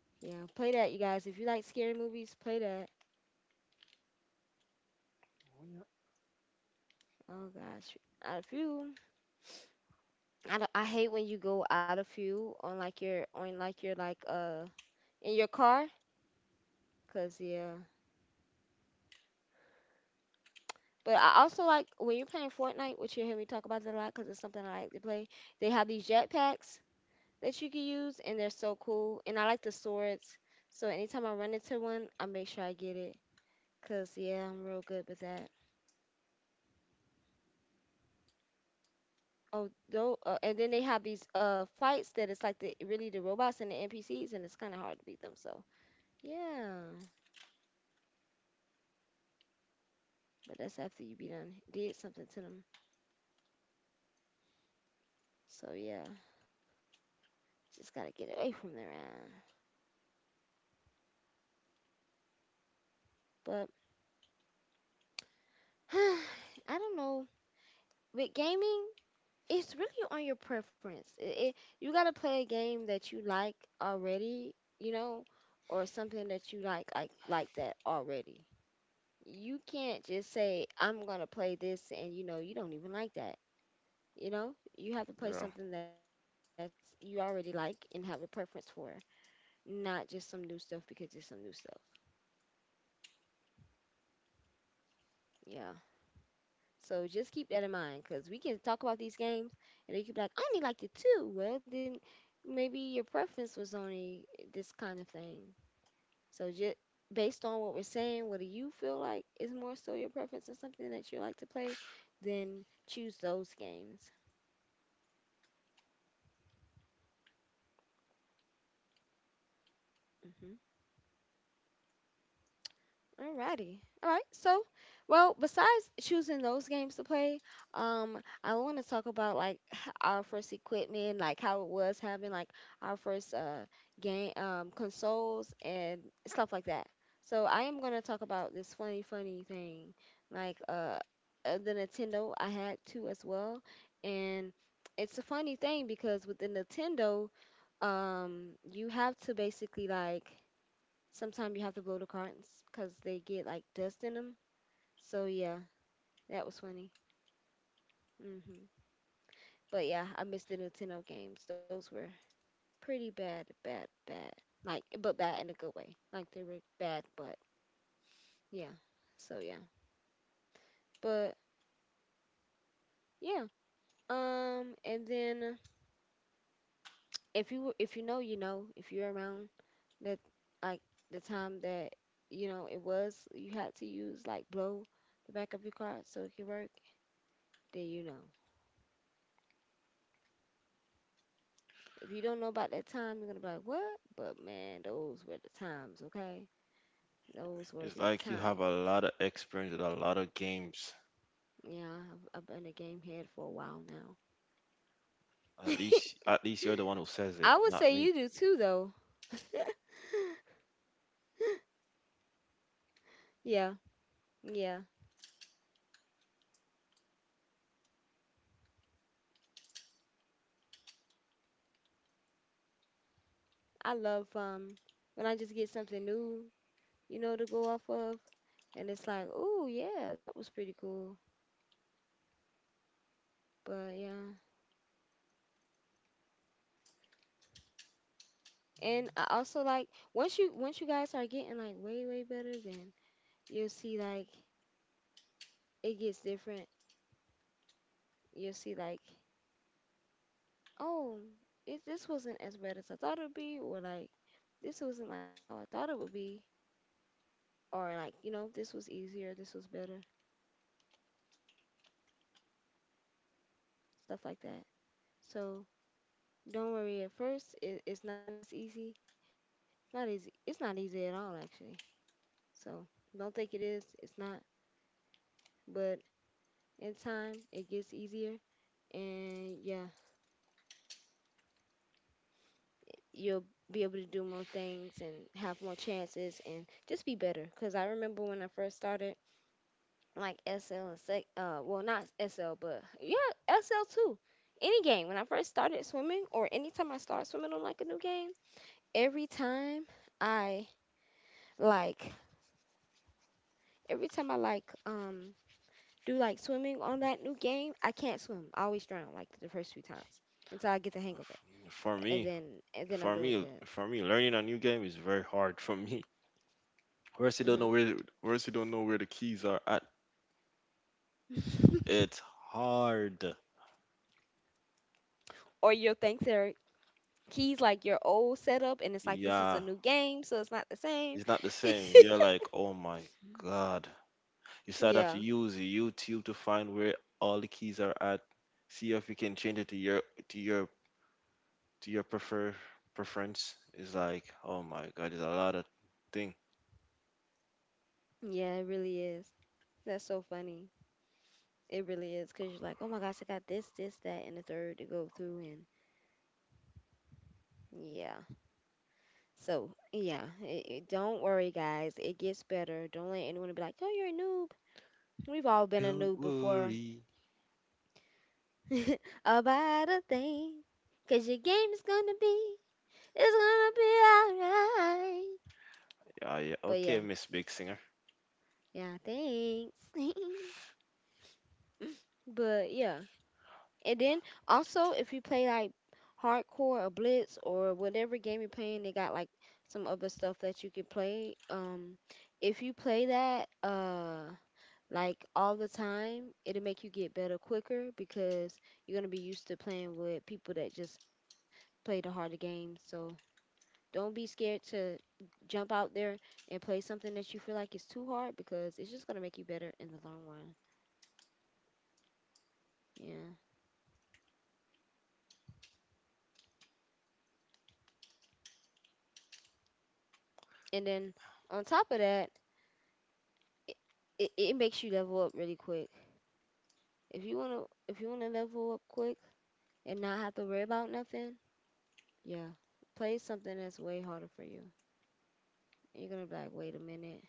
Speaker 1: Yeah, play that you guys. If you like scary movies, play that. Oh gosh. Out of few. I don't, I hate when you go out of fuel on like your like in your car, cause yeah. But I also like when you're playing Fortnite, which you hear me talk about it a lot, cause it's something I like to play. They have these jetpacks that you can use, and they're so cool. And I like the swords, so anytime I run into one, I make sure I get it, cause yeah, I'm real good with that. Oh, though, and then they have these fights that it's like the really the robots and the NPCs, and it's kind of hard to beat them. So yeah. But that's after you be done did something to them. So yeah, just gotta get away from their ass. But I don't know. With gaming, it's really on your preference. It you gotta play a game that you like already, you know, or something that you like that already. You can't just say I'm gonna play this and you know you don't even like that. You know, you have to play
Speaker 2: yeah.
Speaker 1: something that's you already like and have a preference for, not just some new stuff because it's some new stuff. Yeah. So just keep that in mind because we can talk about these games and they could be like, I only liked it too. Well, then maybe your preference was only this kind of thing. So just based on what we're saying, what do you feel like is more so your preference or something that you like to play, then choose those games. Mm-hmm. Alrighty. All right. So, well, besides choosing those games to play, I want to talk about like our first equipment, like how it was having like our first game consoles and stuff like that. So I am gonna talk about this funny, funny thing, like the Nintendo. I had two as well, and it's a funny thing because with the Nintendo, you have to basically like sometimes you have to blow the cartons because they get like dust in them. So yeah, that was funny. Hmm. But yeah, I miss the Nintendo games. Those were pretty bad, bad, bad. Like, but bad in a good way. Like they were bad, but yeah. So yeah, but yeah. And then if you know, you know, if you're around that like the time that you know it was, you had to use like blow the back of your card so it could work. Then you know. If you don't know about that time, you're gonna be like, what? But man, those were the times, okay? Those
Speaker 2: It's
Speaker 1: were the
Speaker 2: like you have a lot of
Speaker 1: times.
Speaker 2: experience with a lot of games.
Speaker 1: Yeah, I've been a game head for a while now.
Speaker 2: At least you're the one who says it,
Speaker 1: I would
Speaker 2: not
Speaker 1: say
Speaker 2: me.
Speaker 1: you do too, though. Yeah, yeah. I love when I just get something new, you know, to go off of, and it's like, oh yeah, that was pretty cool. But yeah, and I also like once you guys are getting like way better, then you will see like it gets different. You will see like, oh, this wasn't as bad as I thought it would be, or like this wasn't like how I thought it would be, or like you know this was easier, this was better, stuff like that. So don't worry. At first, it's not as easy. It's not easy. It's not easy at all, actually. So don't think it is. It's not. But in time, it gets easier, and yeah, you'll be able to do more things and have more chances and just be better. Because I remember when I first started, like SL and sec, well not SL, but yeah, SL too. Any game when I first started swimming, or anytime I start swimming on like a new game, every time I like, every time I like, do like swimming on that new game, I can't swim. I always drown like the first few times until I get the hang of it,
Speaker 2: F- For
Speaker 1: and
Speaker 2: me,
Speaker 1: then I'm doing good.
Speaker 2: for me, learning a new game is very hard for me. Or else you don't know where or else you don't know where the keys are at.
Speaker 1: Hmm.
Speaker 2: It's hard.
Speaker 1: Or will thanks, Eric. Keys like your old setup and it's like this is a
Speaker 2: Yeah.
Speaker 1: new game so it's not the same.
Speaker 2: It's not the same. You're like, oh my god. You start have to
Speaker 1: Yeah.
Speaker 2: use YouTube to find where all the keys are at. See if you can change it to your to your preference. It's like, oh my god, there's a lot of thing.
Speaker 1: Yeah, it really is. That's so funny. It really is because you're like oh my gosh I got this this that and the third to go through and yeah. So yeah don't worry guys it gets better. Don't let anyone be like oh you're a noob. We've all been a
Speaker 2: Don't
Speaker 1: noob before.
Speaker 2: worry.
Speaker 1: About a thing because your game is gonna be it's gonna be all right.
Speaker 2: Yeah, yeah.
Speaker 1: But
Speaker 2: Okay,
Speaker 1: yeah,
Speaker 2: Miss Big Singer.
Speaker 1: yeah, thanks. But yeah. And then also if you play like hardcore or blitz or whatever game you're playing, they got like some other stuff that you can play. If you play that like all the time, it'll make you get better quicker because you're gonna be used to playing with people that just play the harder games. So don't be scared to jump out there and play something that you feel like is too hard because it's just gonna make you better in the long run. Yeah. And then on top of that, it, it makes you level up really quick. If you wanna level up quick and not have to worry about nothing, yeah, play something that's way harder for you. And you're gonna be like, wait a minute,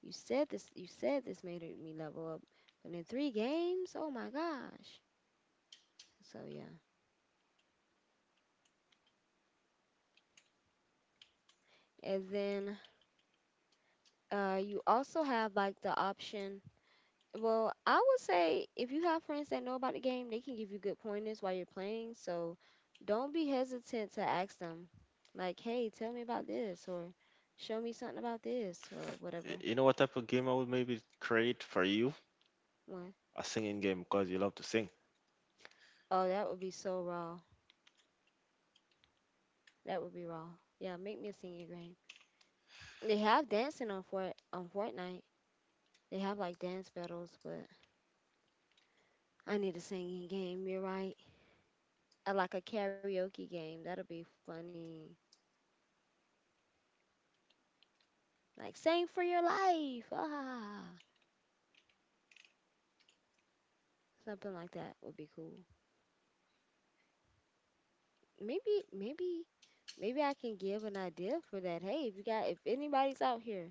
Speaker 1: you said this made me level up, but in three games, oh my gosh. So yeah, and then you also have like the option. Well, I would say if you have friends that know about the game, they can give you good pointers while you're playing. So don't be hesitant to ask them, like, hey, tell me about this, or show me something about this, or
Speaker 2: Y-
Speaker 1: whatever
Speaker 2: You know what type of game I would maybe create for you?
Speaker 1: one.
Speaker 2: A singing game because you love to sing.
Speaker 1: Oh, that would be so raw. That would be raw. Yeah, make me a singing game. They have dancing on Fortnite. They have like dance battles, but I need a singing game. You're right. I like a karaoke game. That'll be funny. Like sing for your life. Ah. Something like that would be cool. Maybe, maybe, Maybe I can give an idea for that. Hey, if you got, if anybody's out here,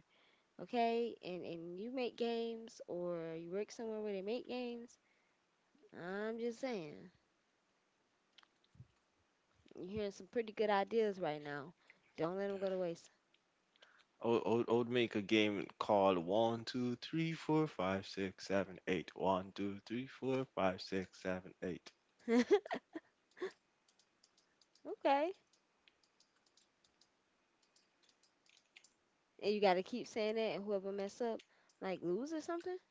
Speaker 1: okay, and you make games or you work somewhere where they make games, I'm just saying, you're hearing some pretty good ideas right now. Don't let them go to waste.
Speaker 2: I would make a game called one, two, three, four, five, six, seven, eight. One, two, three, four, five, six, seven, eight.
Speaker 1: Okay. And you got to keep saying that, and whoever mess up, like lose or something.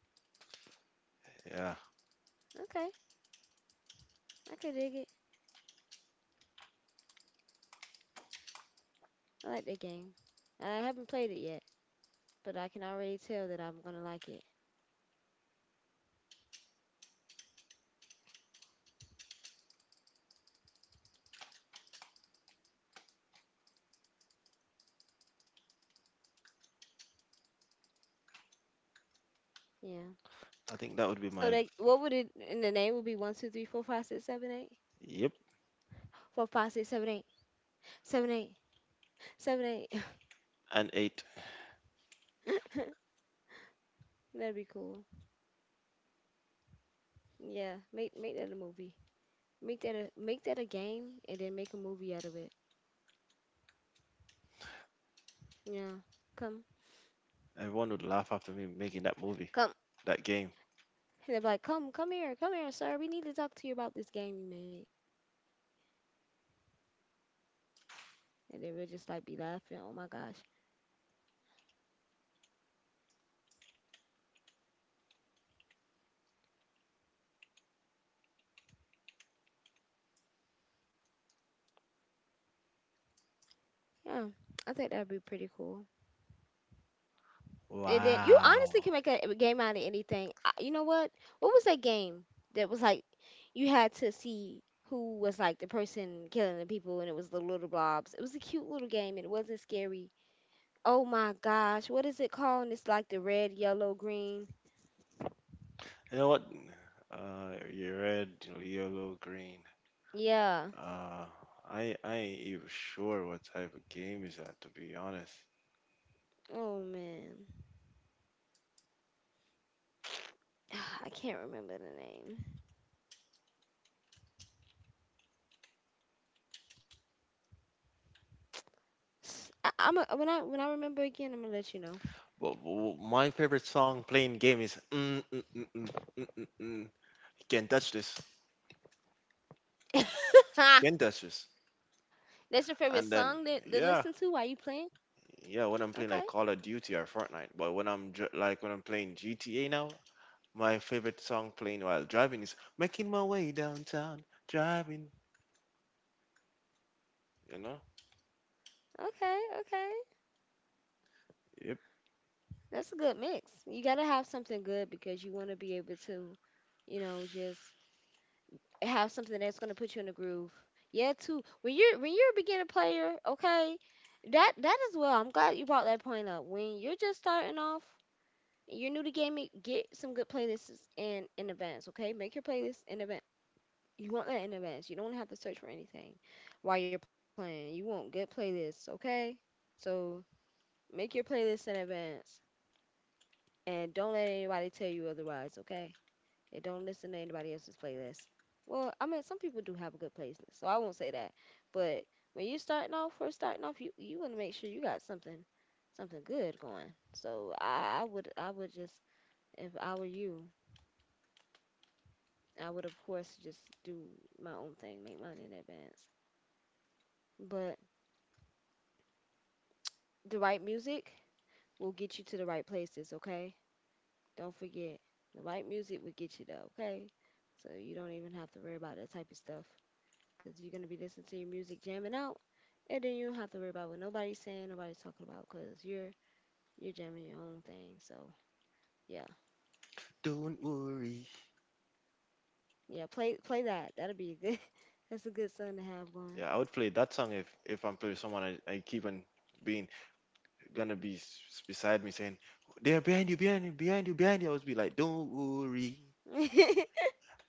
Speaker 2: Yeah,
Speaker 1: Okay, I could dig it. I like that game. I haven't played it yet, but I can already tell that I'm gonna like it. Yeah.
Speaker 2: I think that would be
Speaker 1: So
Speaker 2: my
Speaker 1: like, what would it in the name would be one, two, three, four, five, six, seven, eight,
Speaker 2: yep
Speaker 1: four, five, six, seven, eight, seven, eight, seven, eight.
Speaker 2: and eight.
Speaker 1: That'd be cool. Yeah, make that a movie. Make that a game, and then make a movie out of it. Yeah, come
Speaker 2: Everyone would laugh after me making that movie,
Speaker 1: come.
Speaker 2: that game.
Speaker 1: And they're like, come here, sir. We need to talk to you about this game you made. And then we'll just like be laughing. Oh my gosh. Yeah, I think that'd be pretty cool. And then you honestly can
Speaker 2: Wow.
Speaker 1: make a game out of anything. I, you know what? What was that game that was like you had to see who was like the person killing the people and it was the little blobs. It was a cute little game and it wasn't scary. Oh my gosh, what is it called? And it's like the red, yellow, green.
Speaker 2: You know what? You red, yellow, green.
Speaker 1: Yeah.
Speaker 2: Uh, I ain't even sure what type of game is that to be honest.
Speaker 1: Oh man. I can't remember the name. I, am a, when I remember again, I'm gonna let you know.
Speaker 2: But, w my favorite song playing game is mm, mm, mm, mm, mm, mm, mm. You can't touch this. Skin touches.
Speaker 1: That's your favorite song that to listen
Speaker 2: And
Speaker 1: to
Speaker 2: then,
Speaker 1: while you playing?
Speaker 2: yeah,
Speaker 1: Okay.
Speaker 2: yeah, when I'm playing like Call of Duty or Fortnite, but when like when I'm playing GTA now, my favorite song playing while driving is "Making My Way Downtown, Driving." You know,
Speaker 1: Okay, okay.
Speaker 2: yep.
Speaker 1: That's a good mix. You gotta have something good because you want to be able to, you know, just have something that's gonna put you in the groove. Yeah, too. When you're a beginner player, okay, that as well. I'm glad you brought that point up. When you're just starting off, you're new to gaming, get some good playlists in advance. Okay, make your playlist in advance. You want that in advance. You don't wanna have to search for anything while you're playing. You want good playlists, okay? So make your playlist in advance, and don't let anybody tell you otherwise, okay? And don't listen to anybody else's playlist. Well, I mean, some people do have a good playlist, so I won't say that. But when you're starting off, first starting off, you want to make sure you got something, something good going. So I would just if I were you, I would of course just do my own thing, make mine in advance. But the right music will get you to the right places, okay? Don't forget, the right music will get you there, okay? So you don't even have to worry about that type of stuff, because you're going to be listening to your music jamming out and then you don't have to worry about what nobody's saying nobody's talking about because you're jamming your own thing. So yeah,
Speaker 2: Don't worry.
Speaker 1: yeah, play that. That'll be a good that's a good song to have going.
Speaker 2: Yeah, I would play that song if I'm playing with someone I keep on being gonna be beside me saying, "They're behind you, behind you, behind you, behind you." I would be like, "Don't worry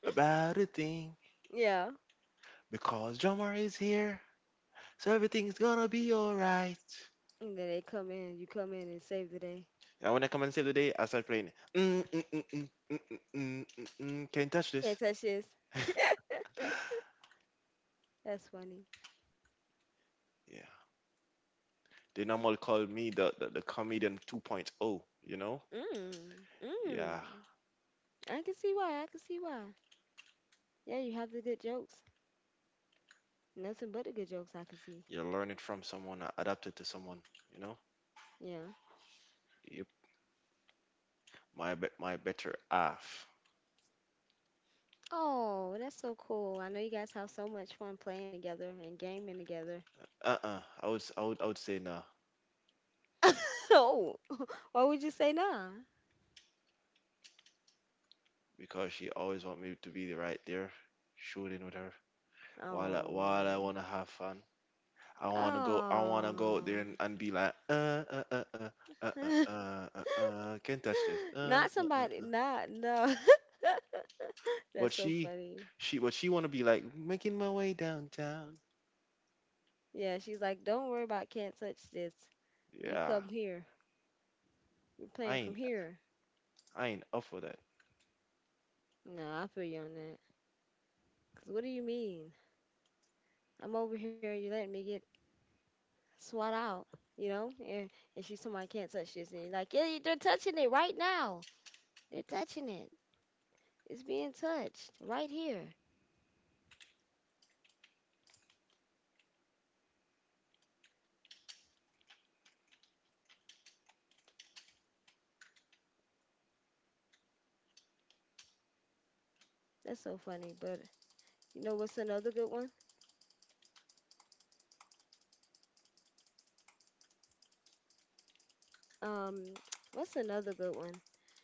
Speaker 2: about a thing,
Speaker 1: Yeah,
Speaker 2: because drummer is here, so everything's gonna be alright."
Speaker 1: and then they come in you come in and save the day.
Speaker 2: I wanna come and save the day. I start playing. Mm, mm, mm, mm, mm, mm, mm, mm, mm, can't touch this.
Speaker 1: Can't touch this. That's funny.
Speaker 2: Yeah. They normally call me the comedian 2.0, you know?
Speaker 1: mm
Speaker 2: Yeah.
Speaker 1: mm I can see why, I can see why. Yeah, you have the good jokes, nothing but the good jokes, I can see.
Speaker 2: You learn it from someone, adapt it to someone, you know?
Speaker 1: Yeah.
Speaker 2: Yep. My better half.
Speaker 1: Oh, that's so cool. I know you guys have so much fun playing together and gaming together.
Speaker 2: Uh-uh. I would say nah
Speaker 1: Oh, why would you say nah?
Speaker 2: because she always want me to be the right there, shooting with her while I
Speaker 1: Oh,
Speaker 2: wanna have fun. I wanna go. I wanna go out there
Speaker 1: oh.
Speaker 2: and be like, can't touch this.
Speaker 1: Not somebody, not, no.
Speaker 2: But
Speaker 1: That's so
Speaker 2: she,
Speaker 1: funny.
Speaker 2: but she wanna be like making my way downtown.
Speaker 1: Yeah, she's like, don't worry about can't touch this. You
Speaker 2: Yeah,
Speaker 1: come here. You're
Speaker 2: I
Speaker 1: playing from
Speaker 2: ain't,
Speaker 1: here.
Speaker 2: I ain't up for that.
Speaker 1: No, I feel you on that. Cause what do you mean? I'm over here. You letting me get swat out, you know? And she's somebody can't touch this. And you're like, yeah, they're touching it right now. They're touching it. It's being touched right here. That's so funny. But you know what's another good one? Um, what's another good one?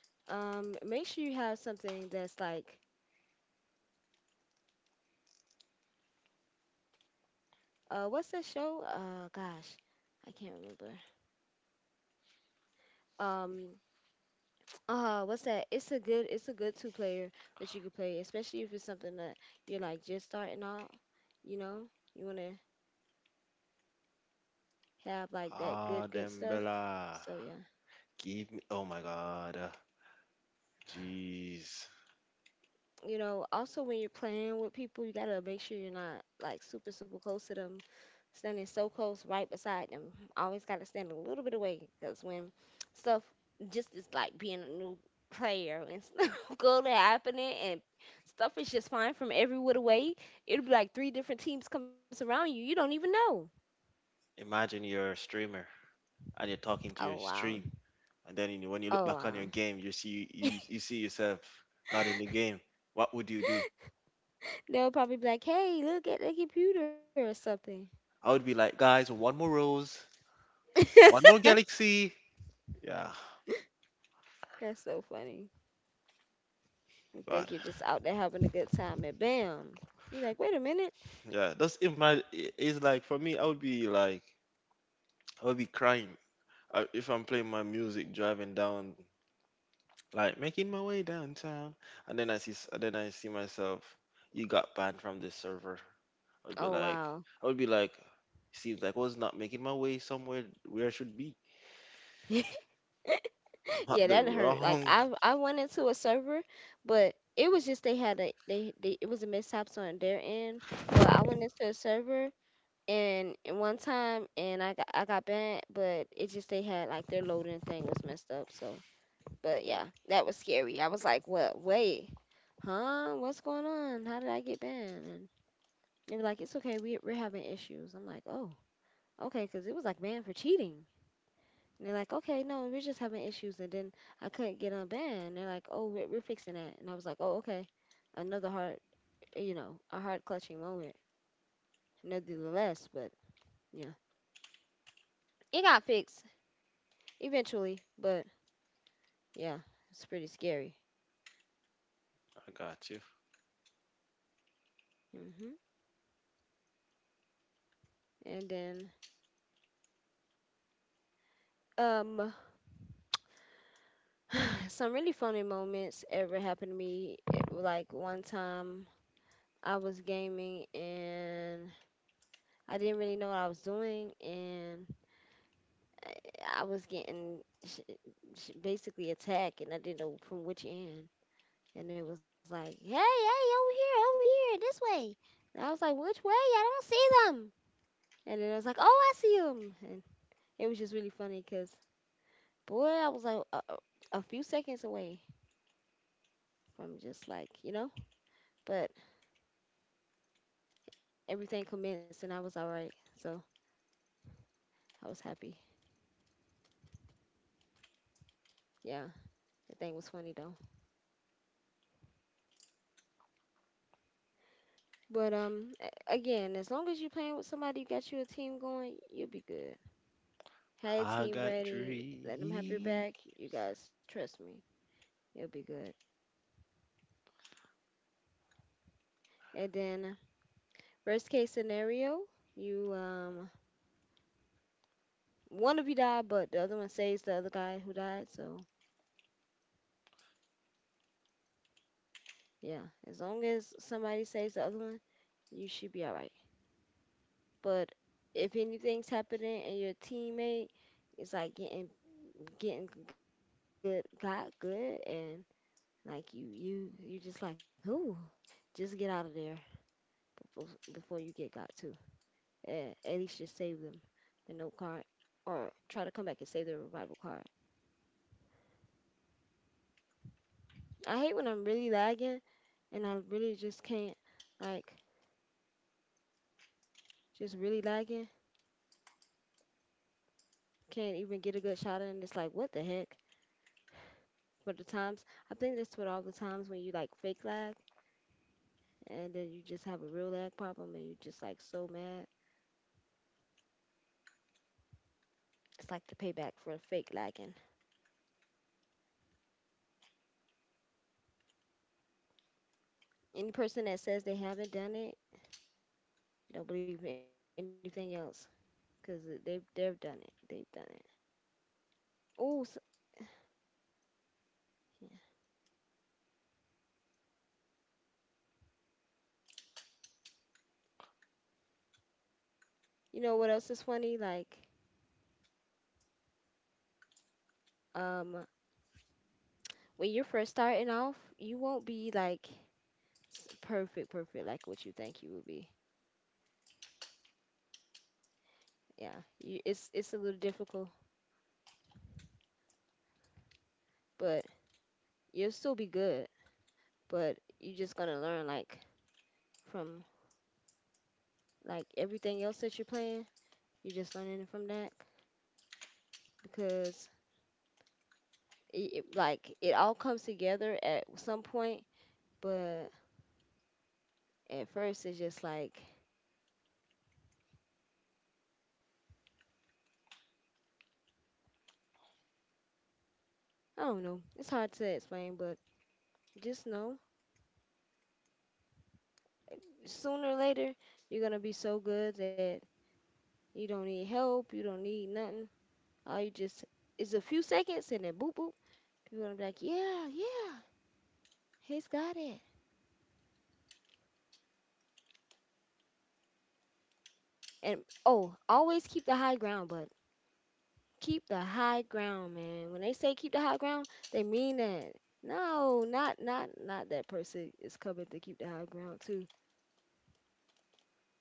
Speaker 1: Make sure you have something that's like, what's that show? Gosh, I can't remember. Um, what's that? It's a good two player that you can play, especially if it's something that you're like just starting out. You know, you wanna have like that
Speaker 2: Ah,
Speaker 1: good
Speaker 2: damn
Speaker 1: stuff.
Speaker 2: Bella,
Speaker 1: So yeah,
Speaker 2: give me. Oh my God, jeez.
Speaker 1: you know, also when you're playing with people, you gotta make sure you're not like super close to them, standing so close right beside them. Always gotta stand a little bit away because when stuff just is like being a new player and stuff go to happening and stuff is just flying from every whit away. It'll be like three different teams comes around you. You don't even know.
Speaker 2: Imagine you're a streamer and you're talking to
Speaker 1: Oh
Speaker 2: your
Speaker 1: wow.
Speaker 2: stream, and then you, when you
Speaker 1: Oh
Speaker 2: look back on
Speaker 1: wow.
Speaker 2: your game, you see yourself not in the game. What would you do?
Speaker 1: They'll probably be like, "Hey, look at the computer or something."
Speaker 2: I would be like, guys, one more rose. One more galaxy. Yeah,
Speaker 1: That's so funny. You
Speaker 2: God.
Speaker 1: think you're just out there having a good time and bam. You're like, wait a minute.
Speaker 2: Yeah, that's if my it's like for me, I would be crying if I'm playing my music driving down, like making my way downtown, and then I see myself, you got banned from this server. I'd be
Speaker 1: Oh
Speaker 2: like,
Speaker 1: wow.
Speaker 2: I would be like, seems like I was not making my way somewhere where I should be. I'm at
Speaker 1: Yeah,
Speaker 2: the
Speaker 1: that hurt. Like
Speaker 2: wrong.
Speaker 1: I went into a server, but it was just they it was a mishaps on their end. But I went into a server and one time and I got banned, but it just they had like their loading thing was messed up. So, but yeah, that was scary. I was like, what? Wait, huh? What's going on? How did I get banned? And they're like, it's okay, we're having issues. I'm like, oh, okay, because it was like banned for cheating. And they're like, okay, no, we're just having issues. And then I couldn't get unbanned. And they're like, oh, we're fixing that. And I was like, oh, okay, another hard, you know, a hard clutching moment, nevertheless. But yeah, it got fixed eventually. But yeah, it's pretty scary.
Speaker 2: I got you.
Speaker 1: Hmm. And then um, some really funny moments ever happened to me. Like one time I was gaming and I didn't really know what I was doing, and I was getting basically attacked, and I didn't know from which end. And it was like, hey, over here, this way. And I was like, which way? I don't see them. And then I was like, oh, I see them. And it was just really funny because, boy, I was like a few seconds away from just like, you know, but everything commenced and I was all right. So I was happy. Yeah, the thing was funny though. But again, as long as you're playing with somebody, you got you a team going, you'll be good. Have a
Speaker 2: I
Speaker 1: team
Speaker 2: got
Speaker 1: ready. Let them have your
Speaker 2: dreams.
Speaker 1: back. You guys, trust me, you'll be good. And then, worst case scenario, you one of you die, but the other one saves the other guy who died. So yeah, as long as somebody saves the other one, you should be all right. But if anything's happening and your teammate is like getting good, got good, and like you just like, ooh, just get out of there before before you get got too. Yeah, at least just save them the note card, or try to come back and save the revival card. I hate when I'm really lagging, and I really just can't, like, just really lagging. Can't even get a good shot in. It's like, what the heck? But the times, I think that's what all the times when you like fake lag, and then you just have a real lag problem, and you just like so mad. It's like the payback for fake lagging. Any person that says they haven't done it don't believe in anything else because they've done it. They've done it. Oh, so yeah. You know what else is funny? Um, when you're first starting off, you won't be like perfect like what you think you will be. Yeah, it's a little difficult, but you'll still be good. But you're just gonna learn like from like everything else that you're playing. You're just learning from that because it like it all comes together at some point, but at first, it's just like, I don't know, it's hard to explain, but just know sooner or later, you're going to be so good that you don't need help, you don't need nothing. All you just is a few seconds and then boop, boop. You're going to be like, yeah, yeah, he's got it. And oh, always keep the high ground, but keep the high ground, man. When they say keep the high ground, they mean that. No, not that person is coming to keep the high ground too.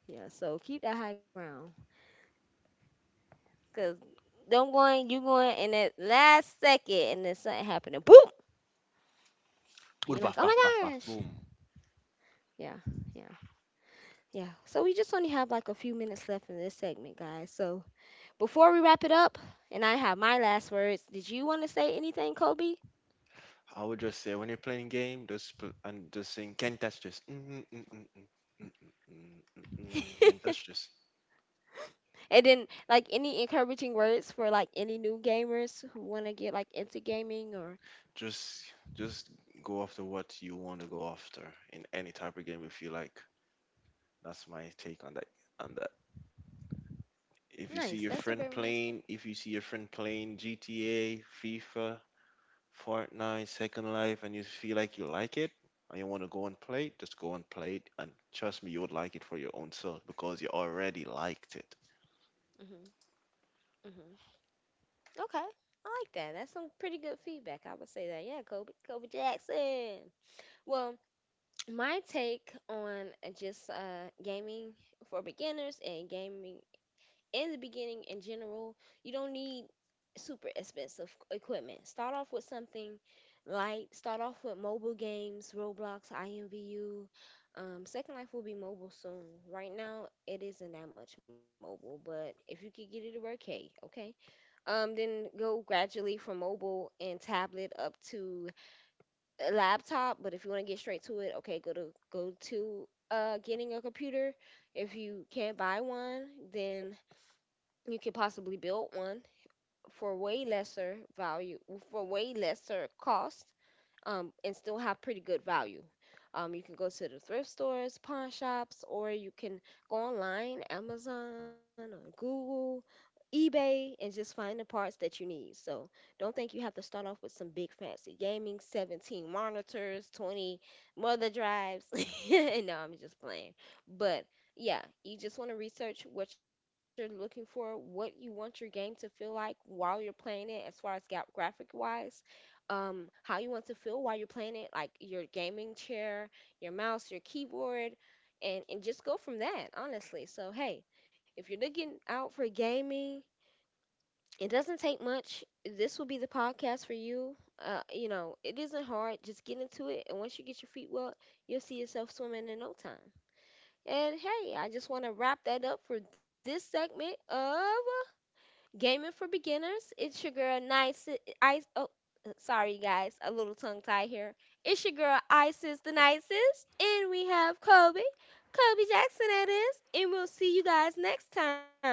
Speaker 1: Yeah, so keep that high ground. Cause them going, you going and that last second, and then something happening. Boom!
Speaker 2: Boom,
Speaker 1: You're like,
Speaker 2: bah,
Speaker 1: oh
Speaker 2: bah, bah,
Speaker 1: my
Speaker 2: bah,
Speaker 1: gosh.
Speaker 2: boom.
Speaker 1: Yeah, yeah, yeah. So we just only have like a few minutes left in this segment, guys. So before we wrap it up, and I have my last words. Did you want to say anything, Kobe?
Speaker 2: I would just say when you're playing game, just pl- and just saying, "Can't touch this." Mm, mm, mm, mm, mm, mm, mm, mm, mm, mm, can't touch this.
Speaker 1: And then like any encouraging words for like any new gamers who want to get like into gaming or
Speaker 2: Just, just go after what you want to go after in any type of game if you like. That's my take on that. On that, if you see your
Speaker 1: nice. That's a
Speaker 2: friend
Speaker 1: very nice
Speaker 2: playing,
Speaker 1: thing.
Speaker 2: if you see your friend playing GTA, FIFA, Fortnite, Second Life, and you feel like you like it and you want to go and play it, just go and play it. And trust me, you would like it for your own self because you already liked it.
Speaker 1: Hmm, hmm. Okay. I like that. That's some pretty good feedback. I would say that. Yeah, Kobe, Kobe Jackson. Well, my take on just gaming for beginners and gaming in the beginning in general, you don't need super expensive equipment. Start off with something light. Start off with mobile games, Roblox, IMVU. Second Life will be mobile soon. Right now, it isn't that much mobile, but if you could get it to work, hey, okay. Then go gradually from mobile and tablet up to a laptop. But if you want to get straight to it, okay, go to getting a computer. If you can't buy one, then you could possibly build one for way lesser value, for way lesser cost, and still have pretty good value. You can go to the thrift stores, pawn shops, or you can go online, Amazon or Google, eBay, and just find the parts that you need. So don't think you have to start off with some big fancy gaming, 17 monitors, 20 mother drives. No, I'm just playing. But yeah, you just want to research what you're looking for, what you want your game to feel like while you're playing it, as far as graphic wise. How you want to feel while you're playing it, like your gaming chair, your mouse, your keyboard, and just go from that, honestly. So hey, if you're looking out for gaming, it doesn't take much. This will be the podcast for you. You know, it isn't hard, just get into it, and once you get your feet wet, you'll see yourself swimming in no time. And hey, I just want to wrap that up for this segment of Gaming for Beginners. It's your girl, Nice. I, oh, Sorry, guys. A little tongue tie here. It's your girl, Isis the Nicest. And we have Kobe. Kobe Jackson, that is. And we'll see you guys next time.